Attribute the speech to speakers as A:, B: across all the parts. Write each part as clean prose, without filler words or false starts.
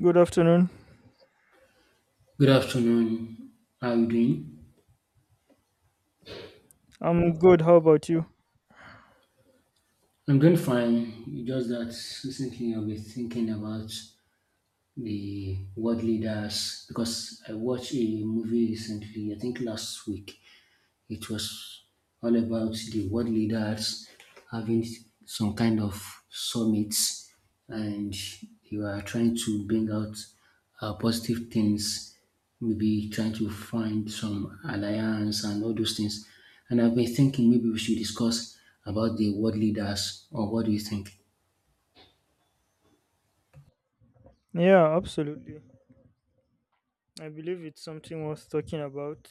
A: Good afternoon.
B: Good afternoon. How are you doing?
A: I'm good. How about you?
B: I'm doing fine. It's just that recently I've been thinking about the world leaders because I watched a movie recently, I think last week. It was all about the world leaders having some kind of summits and you are trying to bring out positive things, maybe trying to find some alliance and all those things. And I've been thinking maybe we should discuss about the world leaders, or what do you think?
A: Yeah, absolutely. I believe it's something worth talking about.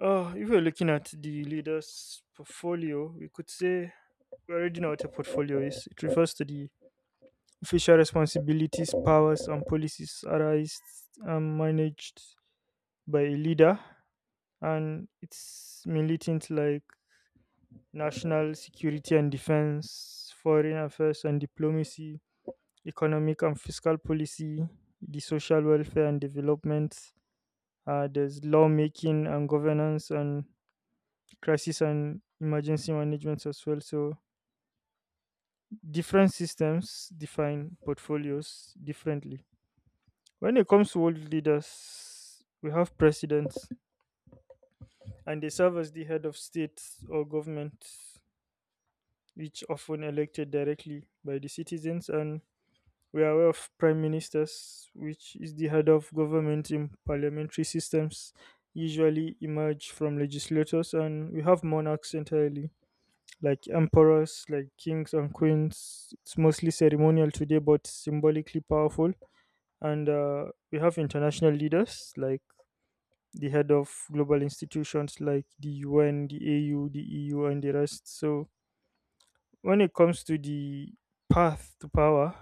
A: If we're looking at the leader's portfolio, we could say we already know what a portfolio is. It refers to the official responsibilities, powers, and policies arised and managed by a leader and its militant like national security and defense, foreign affairs and diplomacy, economic and fiscal policy, the social welfare and development. There's lawmaking and governance and crisis and emergency management as well. So different systems define portfolios differently. When it comes to world leaders, we have presidents and they serve as the head of state or government, which often elected directly by the citizens and we are aware of prime ministers, which is the head of government in parliamentary systems, usually emerge from legislators, and we have monarchs entirely, like emperors, like kings and queens. It's mostly ceremonial today, but symbolically powerful. And we have international leaders, like the head of global institutions like the UN, the AU, the EU, and the rest. So when it comes to the path to power,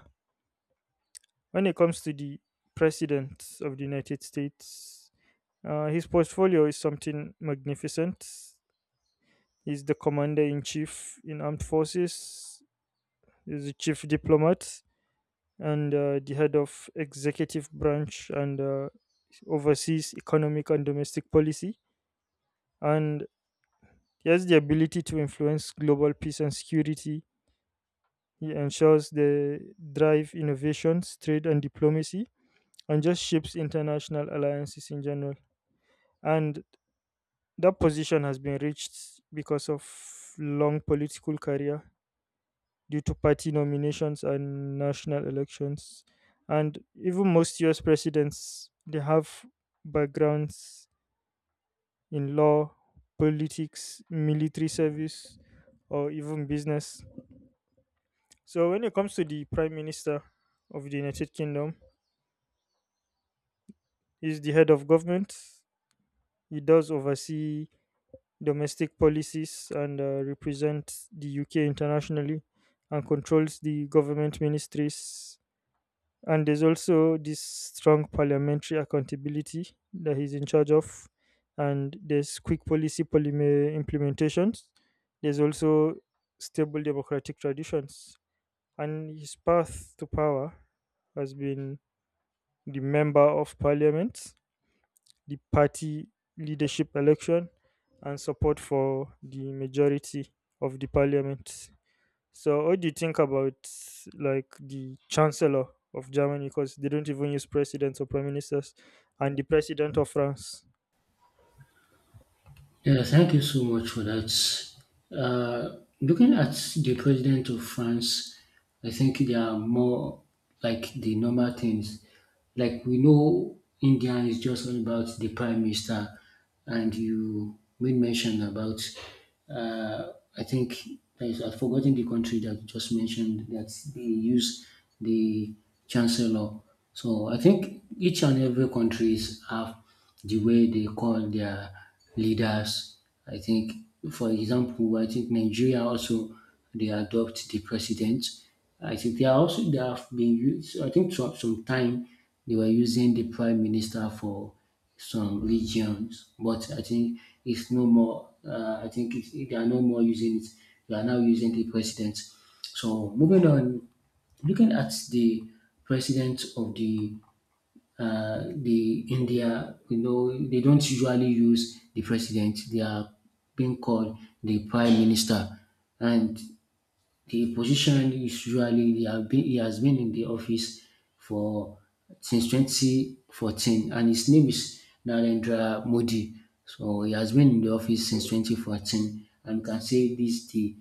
A: when it comes to the President of the United States, his portfolio is something magnificent. He's the Commander in Chief in Armed Forces, he's the Chief Diplomat, and the head of executive branch and oversees economic and domestic policy. And he has the ability to influence global peace and security. He ensures the drive innovations, trade, and diplomacy, and just shapes international alliances in general. And that position has been reached because of long political career due to party nominations and national elections. And even most US presidents they have backgrounds in law, politics, military service or even business. So when it comes to the Prime Minister of the United Kingdom, he's the head of government. He does oversee domestic policies and represents the UK internationally and controls the government ministries. And there's also this strong parliamentary accountability that he's in charge of. And there's quick policy polymer implementations. There's also stable democratic traditions. And his path to power has been the member of parliament, the party leadership election, and support for the majority of the parliament. So, what do you think about like the chancellor of Germany? Because they don't even use presidents or prime ministers, and the president of France.
B: Yeah, thank you so much for that. Looking at the president of France, I think they are more like the normal things. Like we know, India is just all about the prime minister, and you made mention about. Uh, I think I've forgotten the country that you just mentioned that they use the chancellor. So I think each and every countries have the way they call their leaders. I think, for example, I think Nigeria also they adopt the president. I think they are also they have been used. I think some time they were using the prime minister for some regions, but I think it's no more. I think they are no more using it. They are now using the president. So moving on, looking at the president of the India, you know, they don't usually use the president. They are being called the prime minister, and the position is usually, he has been in the office for since 2014, and his name is Narendra Modi. So he has been in the office since 2014, and you can say this is the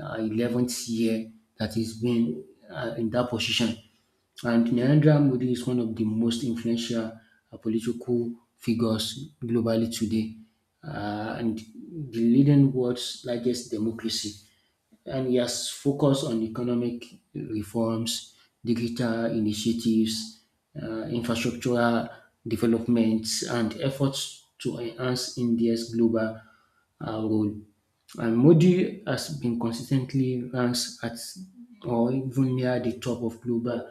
B: 11th year that he's been in that position. And Narendra Modi is one of the most influential political figures globally today, and the leading world's largest democracy. And yes, focus on economic reforms, digital initiatives, infrastructural developments, and efforts to enhance India's global role. And Modi has been consistently ranked at or even near the top of global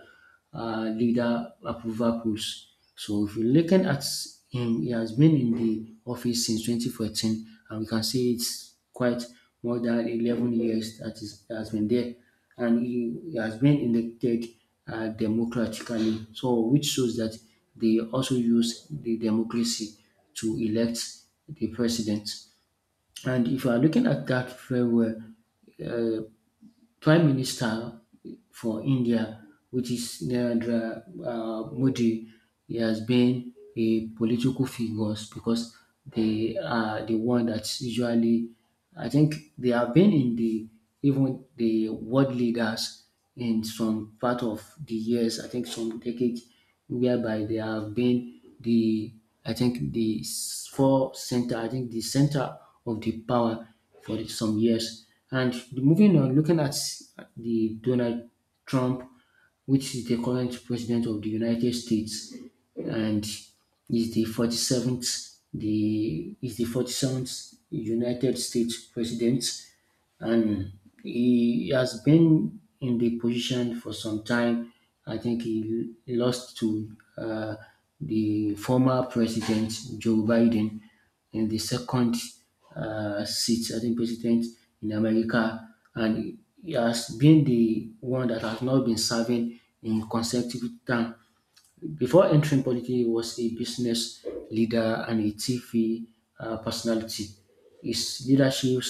B: leader approval polls. So if you're looking at him, he has been in the office since 2014, and we can see it's quite more than 11 years that is, has been there, and he has been elected democratically. So which shows that they also use the democracy to elect the president. And if you are looking at that very well, uh, Prime Minister for India, which is Narendra Modi, he has been a political figure because they are the one that's usually, I think they have been in the even the world leaders in some part of the years, I think some decades, whereby they have been the, I think the four center, I think the center of the power for some years. And moving on, looking at the Donald Trump, which is the current president of the United States, and is the 47th, the is the 47th United States president, and he has been in the position for some time. I think he lost to uh, the former president Joe Biden in the second seat, I think, president in America, and he has been the one that has not been serving in consecutive term. Before entering politics, he was a business leader and a TV personality. His leadership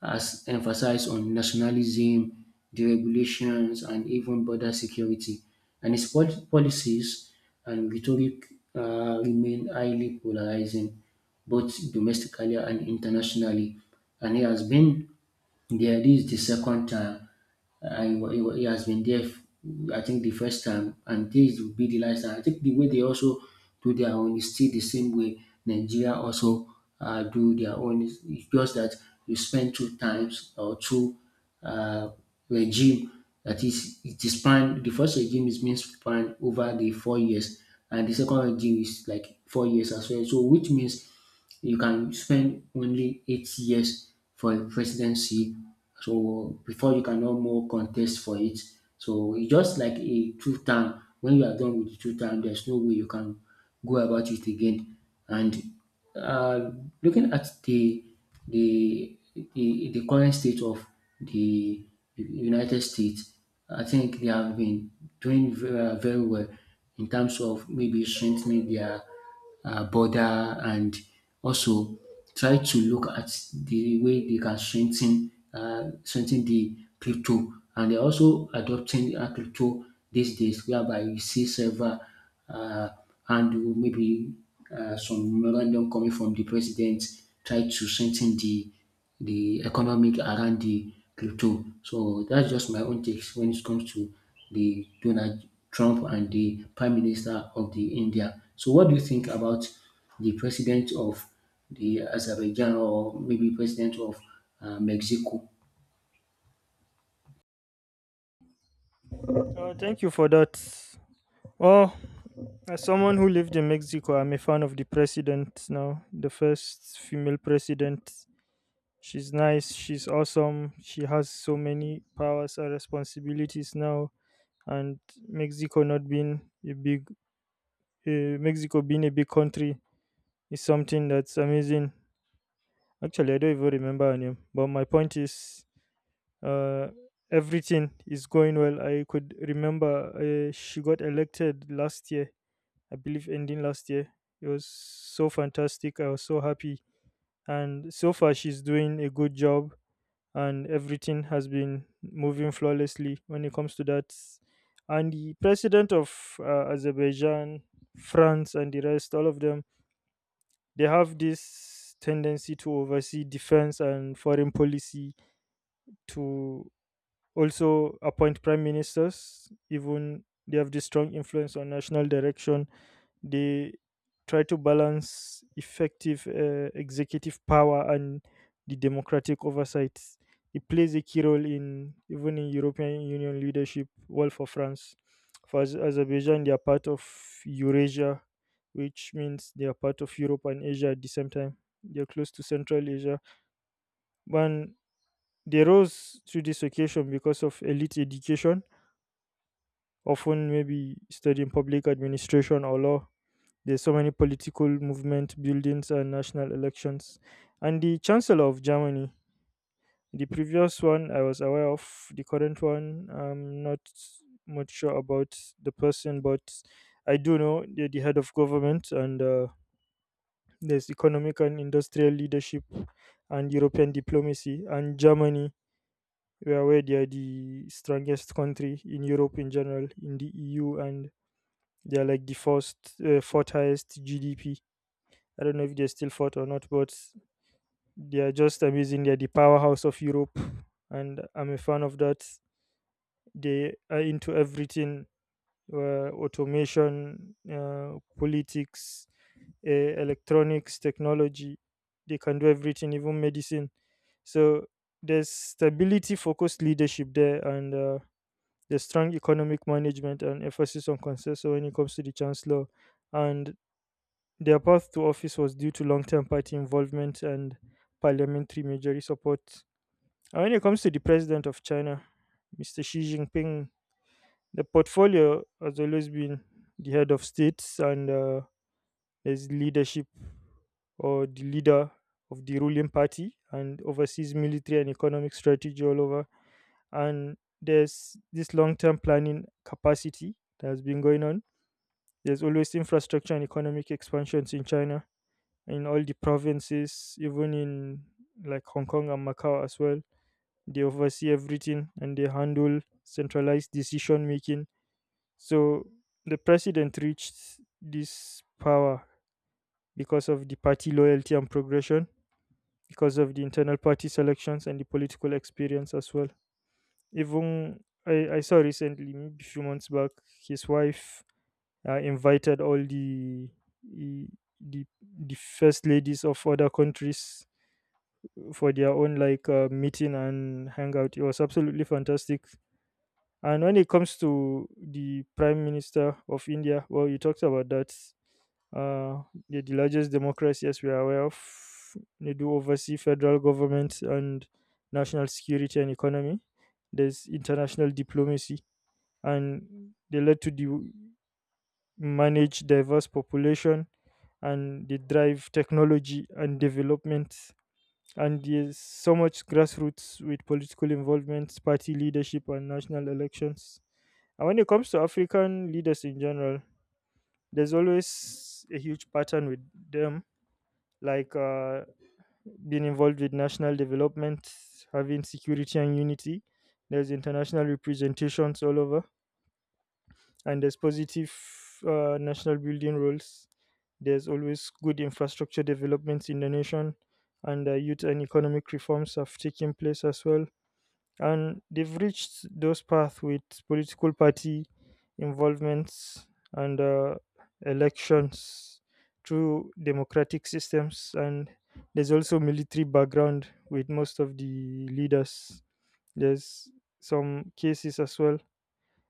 B: has emphasized on nationalism, deregulations, and even border security. And his policies and rhetoric remain highly polarizing, both domestically and internationally. And he has been, yeah, this is the second time. He has been there, I think, the first time, and this will be the last time. I think the way they also do their own is still the same way Nigeria also do their own. It's just that you spend two times or two uh, regime. That is, it is span. The first regime is being spanned over the 4 years, and the second regime is like 4 years as well. So, which means you can spend only 8 years for a presidency. So before you can no more contest for it. So it's just like a two term. When you are done with the two term, there's no way you can go about it again. And uh, looking at the the the current state of the United States, I think they have been doing very, very well in terms of maybe strengthening their border, and also try to look at the way they can strengthen the crypto, and they're also adopting crypto these days, whereby you see several uh, handle, maybe some memorandum coming from the president, try to strengthen the economic around the crypto. So that's just my own takes when it comes to the Donald Trump and the Prime Minister of the India. So what do you think about the president of the Azerbaijan, or maybe president of Mexico?
A: Thank you for that. Well, as someone who lived in Mexico, I'm a fan of the president now, the first female president. She's nice, she's awesome, she has so many powers and responsibilities now and Mexico not being a big Mexico being a big country is something that's amazing. Actually, I don't even remember her name, but my point is, uh, everything is going well. I could remember she got elected last year, I believe, ending last year. It was so fantastic. I was so happy, and so far she's doing a good job. And everything has been moving flawlessly when it comes to that. And the president of Azerbaijan, France, and the rest, all of them, they have this tendency to oversee defense and foreign policy, to also appoint prime ministers, even they have this strong influence on national direction. They try to balance effective executive power and the democratic oversight. It plays a key role in even in European Union leadership. Well, for France, for Azerbaijan, they are part of Eurasia, which means they are part of Europe and Asia at the same time. They are close to Central Asia, and they rose to this occasion because of elite education, often maybe studying public administration or law. There's so many political movement buildings and national elections. And the Chancellor of Germany, the previous one I was aware of, the current one I'm not much sure about the person, but I do know they're the head of government and there's economic and industrial leadership and European diplomacy and Germany. We are aware they are the strongest country in Europe in general, in the EU, and they are like the fourth highest GDP. I don't know if they still fought or not, but they are just amazing. They're the powerhouse of Europe, and I'm a fan of that. They are into everything, automation, politics, electronics, technology. They can do everything, even medicine. So there's stability focused leadership there, and there's strong economic management and emphasis on consensus when it comes to the chancellor. And their path to office was due to long term party involvement and parliamentary majority support. And when it comes to the president of China, Mr. Xi Jinping, the portfolio has always been the head of states and his leadership or the leader of the ruling party and oversees military and economic strategy all over. And there's this long term planning capacity that has been going on. There's always infrastructure and economic expansions in China in all the provinces, even in like Hong Kong and Macau as well. They oversee everything and they handle centralized decision making. So the president reached this power because of the party loyalty and progression, because of the internal party selections and the political experience as well. Even I saw recently, maybe a few months back, his wife invited all the the the first ladies of other countries for their own like meeting and hangout. It was absolutely fantastic. And when it comes to the Prime Minister of India, well, you talked about that. Uh, they're the largest democracy, as we are aware of. They do oversee federal government and national security and economy. There's international diplomacy, and they led to the manage diverse population and they drive technology and development and there's so much grassroots with political involvement, party leadership, and national elections. And when it comes to African leaders in general, there's always a huge pattern with them, like being involved with national development, having security and unity. There's international representations all over, and there's positive national building roles. There's always good infrastructure developments in the nation, and youth and economic reforms have taken place as well, and they've reached those paths with political party involvements and elections through democratic systems, and there's also military background with most of the leaders, there's some cases as well.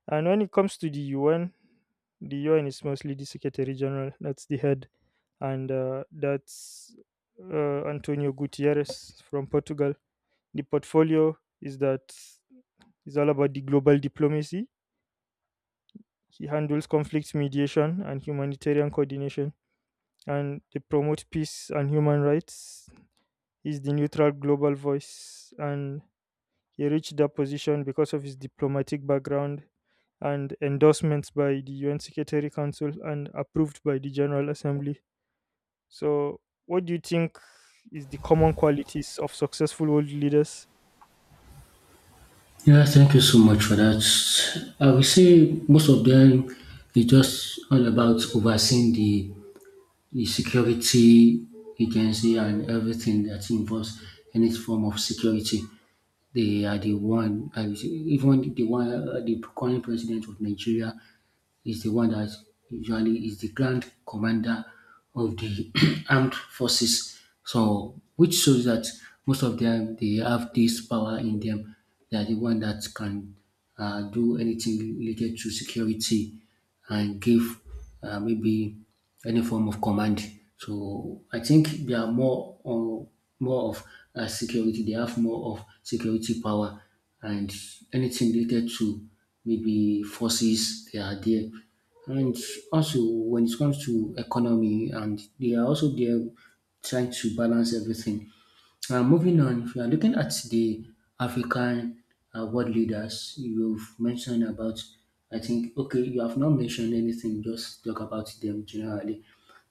A: And when it comes to the UN, the UN is mostly the secretary general that's the head, and that's Antonio Gutierrez from Portugal. The portfolio is that he's all about the global diplomacy. He handles conflict mediation and humanitarian coordination, and they promote peace and human rights. He's the neutral global voice, and he reached that position because of his diplomatic background and endorsements by the UN Secretary Council and approved by the General Assembly. So, what do you think is the common qualities of successful world leaders?
B: Yeah, thank you so much for that. I will say most of them is just all about overseeing the security agency and everything that involves any form of security. They are the one, even the one, the current president of Nigeria is the one that usually is the grand commander of the armed forces. So, which shows that most of them they have this power in them. They are the one that can do anything related to security, and give maybe any form of command. So I think they are more on, more of security. They have more of security power, and anything related to maybe forces they are there, and also when it comes to economy and they are also there trying to balance everything. Now, moving on, if you are looking at the African world leaders, you've mentioned about, I think, okay, you have not mentioned anything, just talk about them generally.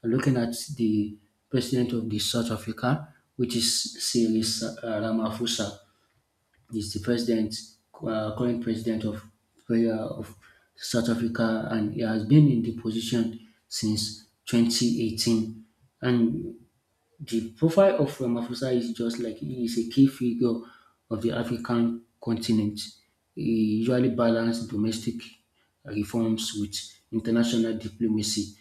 B: Looking at the president of the South Africa, which is Cyril Ramaphosa, is the president, current president of uh, of South Africa, and he has been in the position since 2018. And the profile of Ramaphosa is just like he is a key figure of the African continent. He usually balances domestic reforms with international diplomacy,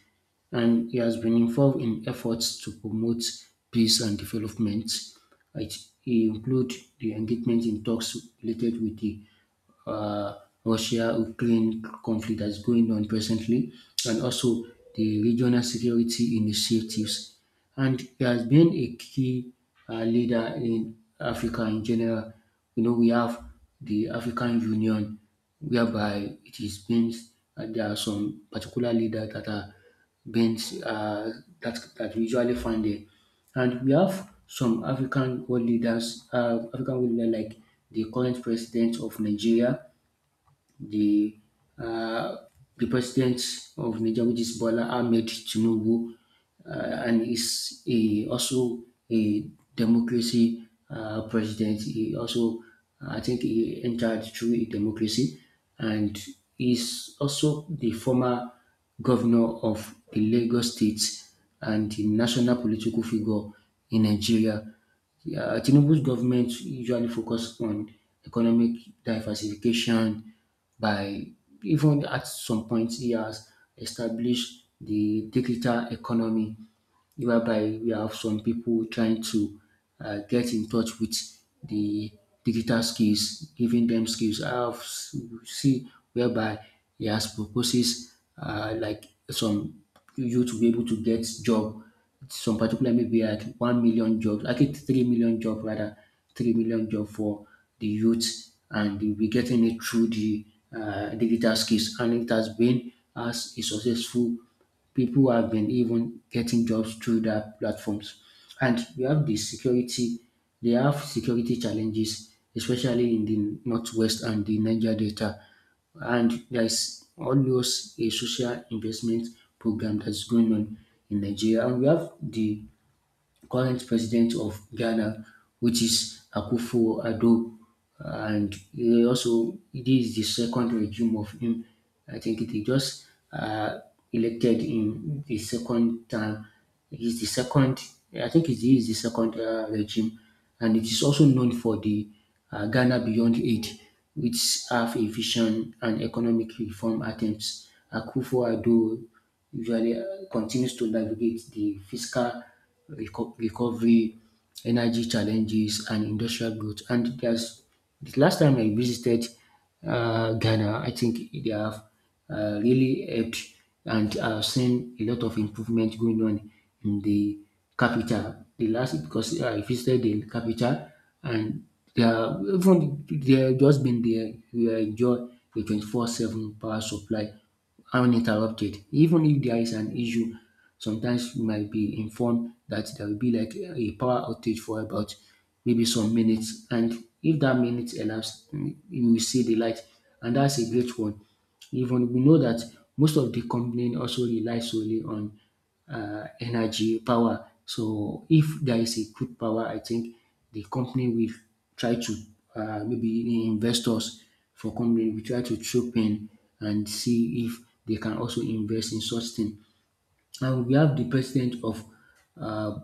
B: and he has been involved in efforts to promote peace and development. It include the engagement in talks related with the uh, Russia-Ukraine conflict that's going on presently, and also the regional security initiatives. And he has been a key leader in Africa in general. You know, we have the African Union, whereby it is being, and there are some particular leaders that are being, uh, that we usually find there. And we have some African world leaders like the current president of Nigeria, the uh, the president of Niger, which is Bola Ahmed Tinubu, uh, and is also a democracy president. He also, I think, he entered through a democracy, and is also the former governor of the Lagos State and the national political figure in Nigeria. Tinubu's government usually focus on economic diversification by, even at some point, he has established the digital economy, whereby we have some people trying to get in touch with the digital skills, giving them skills. I have see whereby he has proposes like some you to be able to get job, some particular maybe at 1 million jobs, actually 3 million job rather, 3 million job for the youth, and they'll be getting it through the digital skills, and it has been as a successful, people have been even getting jobs through that platforms. And we have the security, they have security challenges, especially in the Northwest and the Niger Delta. And there's always a social investment program that's going on in Nigeria. And we have the current president of Ghana, which is Akufo-Addo, and he also, this is the second regime of him. I think they just uh, elected him the second time. He's the second, I think he the second regime, and it is also known for the Ghana Beyond Aid, which have a vision and economic reform attempts. Akufo-Addo usually continues to navigate the fiscal recovery, energy challenges, and industrial growth. And there's the last time I visited Ghana, I think they have really helped, and I've seen a lot of improvement going on in the capital. The last, because I visited the capital, and they are even they have just been there. We enjoy the 24/7 power supply uninterrupted. Even if there is an issue, sometimes you might be informed that there will be like a power outage for about maybe some minutes. And if that minute elapsed, you will see the light. And that's a great one. Even we know that most of the company also rely solely on energy power. So if there is a good power, I think the company will try to maybe the investors for company will try to chip in and see if they can also invest in such thing. And we have the president of uh,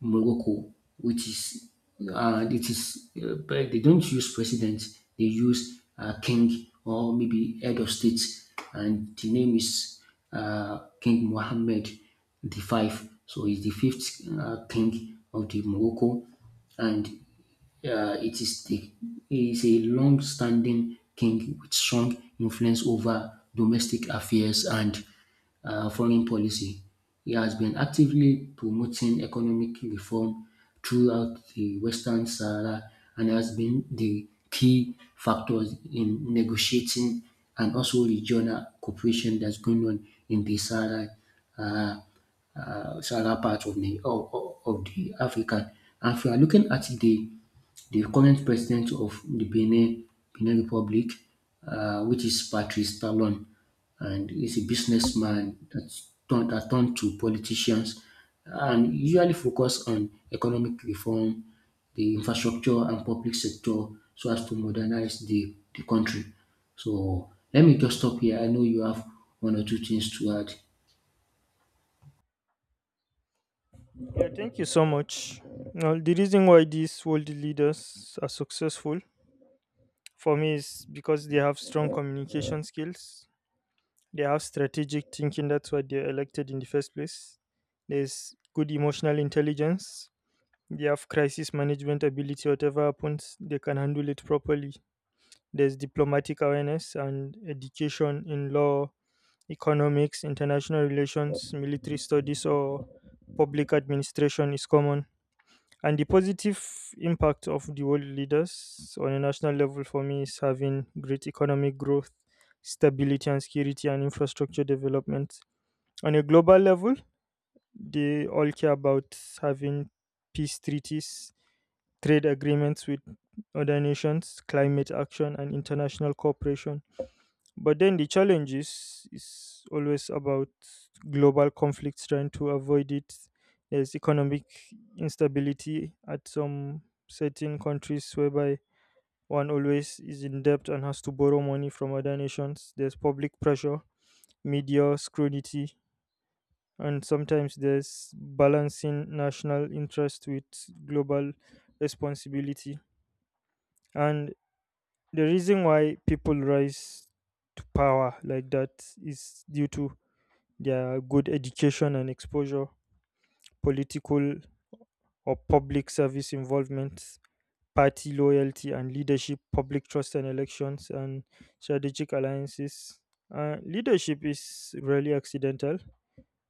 B: Morocco, which is it is but they don't use president, they use king or maybe head of state, and the name is King Mohammed the Five. So he's the fifth king of the Morocco, and uh, it is the it is a long-standing king with strong influence over domestic affairs and foreign policy. He has been actively promoting economic reform throughout the Western Sahara and has been the key factor in negotiating and also regional cooperation that's going on in the Sahara. Uh, Southern part of the Africa. And if you are looking at the current president of the Benin Republic, which is Patrice Talon, and he's a businessman that turned to politicians, and usually focus on economic reform, the infrastructure and public sector, so as to modernize the country. So let me just stop here. I know you have one or two things to add.
A: Yeah, thank you so much. Now, the reason why these world leaders are successful, for me, it's because they have strong communication skills, they have strategic thinking, that's why they're elected in the first place. There's good emotional intelligence, they have crisis management ability, whatever happens, they can handle it properly. There's diplomatic awareness and education in law, economics, international relations, military studies, or public administration is common. And the positive impact of the world leaders on a national level for me is having great economic growth, stability and security, and infrastructure development. On a global level, they all care about having peace treaties, trade agreements with other nations, climate action, and international cooperation. But then the challenge is always about global conflicts, trying to avoid it. There's economic instability at some certain countries whereby one always is in debt and has to borrow money from other nations. There's public pressure, media scrutiny, and sometimes there's balancing national interest with global responsibility. And the reason why people rise to power like that is due to their good education and exposure, political or public service involvement, party loyalty and leadership, public trust and elections, and strategic alliances. Leadership is rarely accidental,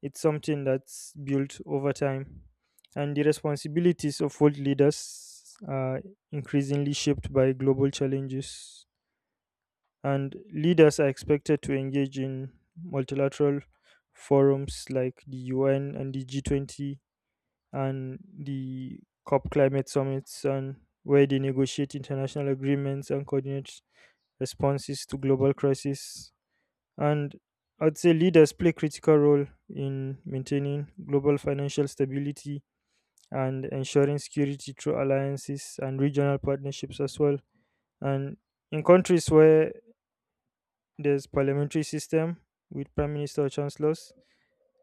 A: it's something that's built over time. And the responsibilities of world leaders are increasingly shaped by global challenges, and leaders are expected to engage in multilateral forums like the UN and the G20 and the COP climate summits, and where they negotiate international agreements and coordinate responses to global crises. And I'd say leaders play critical role in maintaining global financial stability and ensuring security through alliances and regional partnerships as well. And in countries where there's parliamentary system with prime minister or chancellors,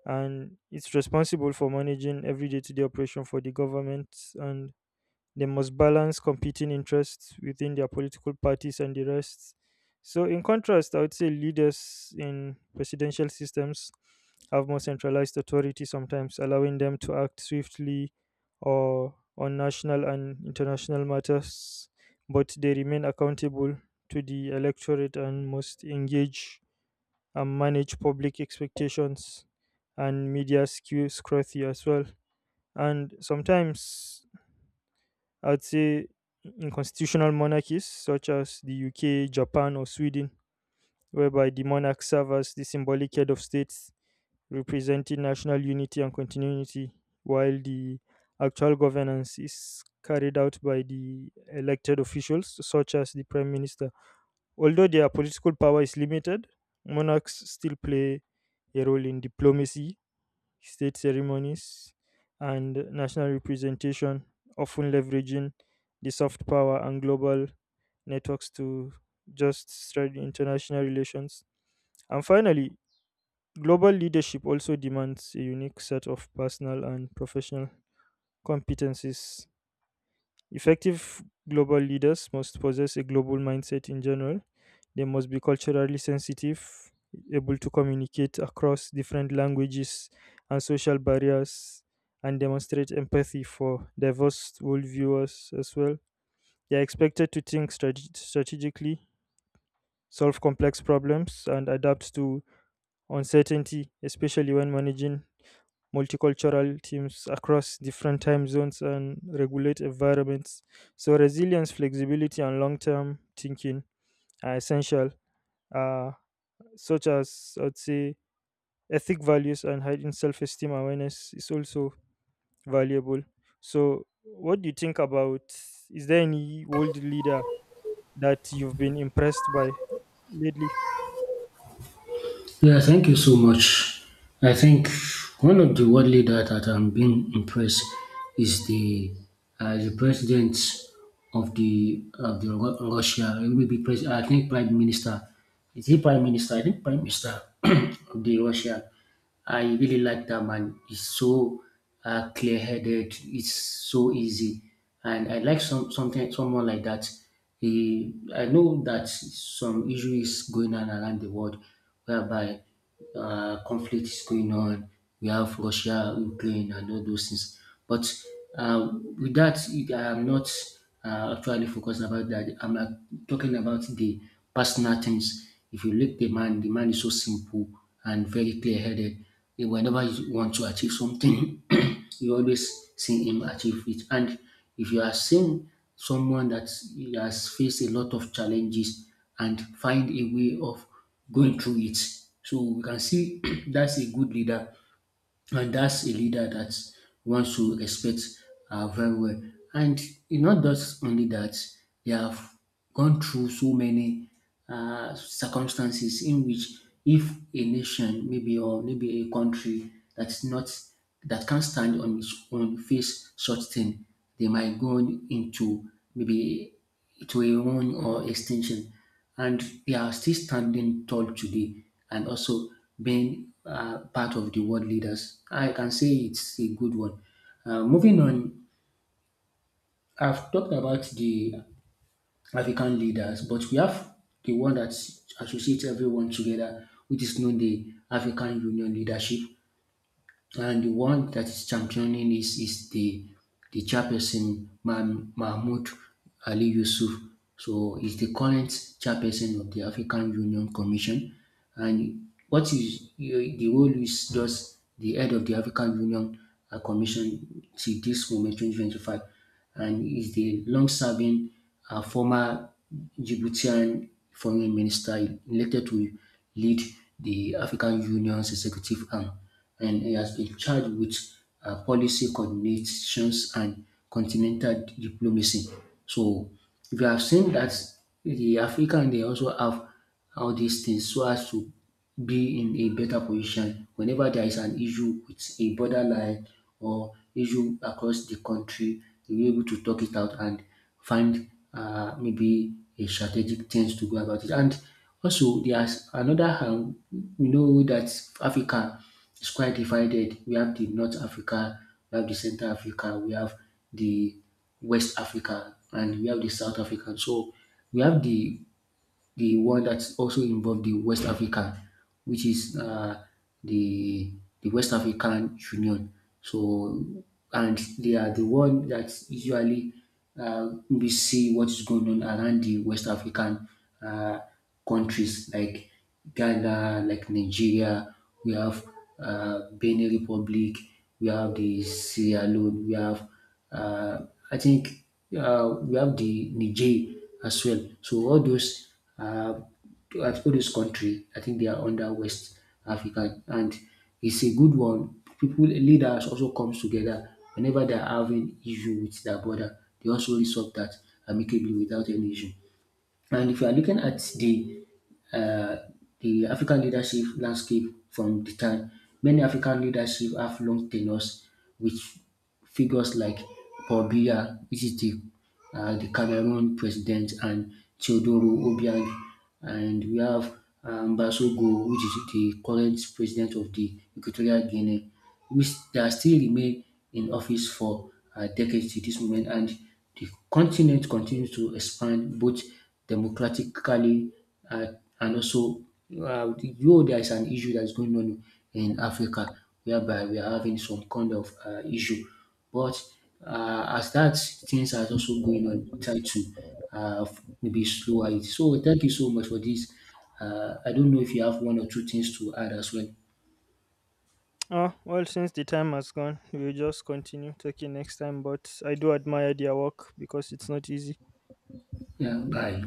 A: and it's responsible for managing every day-to-day operation for the government. And they must balance competing interests within their political parties and the rest. So, in contrast, I would say leaders in presidential systems have more centralized authority sometimes, allowing them to act swiftly or on national and international matters, but they remain accountable to the electorate and must engage and manage public expectations and media skew scrutiny as well. And sometimes I'd say in constitutional monarchies such as the UK, Japan, or Sweden, whereby the monarch serves as the symbolic head of states representing national unity and continuity, while the actual governance is carried out by the elected officials such as the prime minister. Although their political power is limited, monarchs still play a role in diplomacy, state ceremonies, and national representation, often leveraging the soft power and global networks to just strengthen international relations. And finally, global leadership also demands a unique set of personal and professional competencies. Effective global leaders must possess a global mindset in general. They must be culturally sensitive, able to communicate across different languages and social barriers, and demonstrate empathy for diverse worldviews as well. They are expected to think strategically, solve complex problems, and adapt to uncertainty, especially when managing multicultural teams across different time zones and regulate environments. So, resilience, flexibility, and long term thinking are essential. Uh, such as I'd say ethic values and heightened self esteem awareness is also valuable. So, what do you think about? Is there any world leader that you've been impressed by lately?
B: Yeah, thank you so much. I think one of the world leaders that I'm being impressed is the president of the Russia. It will be I think prime minister. Is he prime minister? I think prime minister of the Russia. I really like that man. He's so clear-headed. It's so easy, and I like someone like that. He, I know that some issue is going on around the world, whereby conflict is going on, we have Russia, Ukraine, and all those things. But uh, with that, I'm not actually focusing about that. I'm talking about the personal things. If you look the man is so simple and very clear-headed. Whenever you want to achieve something, you always see him achieve it. And if you are seeing someone that has faced a lot of challenges and find a way of going through it, so we can see that's a good leader and that's a leader that wants to respect very well. And it's not just only that, they have gone through so many circumstances in which if a nation, maybe or maybe a country that can't stand on its own face such thing, they might go into maybe to a run or extinction. And they are still standing tall today and also being part of the world leaders. I can say it's a good one. Moving on, I've talked about the African leaders, but we have the one that associates everyone together, which is known the African Union leadership. And the one that is championing this is the chairperson Mahmoud Ali Yusuf. So he's the current chairperson of the African Union Commission. And what is the role is just the head of the African Union Commission till this moment, 2025, and is the long-serving former Djiboutian foreign minister elected to lead the African Union's executive arm. And he has been charged with policy coordinations and continental diplomacy. So if you have seen that the African, they also have all these things so as to be in a better position whenever there is an issue with a borderline or issue across the country, you'll be able to talk it out and find maybe a strategic things to go about it. And also, there's another hand, we know that Africa is quite divided. We have the North Africa, we have the Central Africa, we have the West Africa, and we have the South Africa. So we have the one that also involved the West Africa, which is the the West African Union. So, and they are the one that usually we see what is going on around the West African uh, countries like Ghana, like Nigeria. We have Benin Republic. We have the Sierra Leone. We have I think we have the Niger as well. So all those uh, country, I think they are under West Africa, and it's a good one. People leaders also comes together whenever they are having issue with their border. They also resolve that amicably without any issue. And if you are looking at uh, the African leadership landscape from the time. Many African leadership have long tenures with figures like Paul Biya, which is the Cameroon president, and Teodoro Obiang. And we have Basogo, which is the current president of the Equatorial Guinea, which they are still remain in office for decades to this moment. And the continent continues to expand both democratically and also there is an issue that is going on in Africa whereby we are having some kind of issue, but as that things are also going on try to um maybe slow it. So thank you so much for this. I don't know if you have one or two things to add as well?
A: Ah, well, since the time has gone, we'll just continue talking next time. But I do admire their work because it's not easy.
B: Yeah, bye.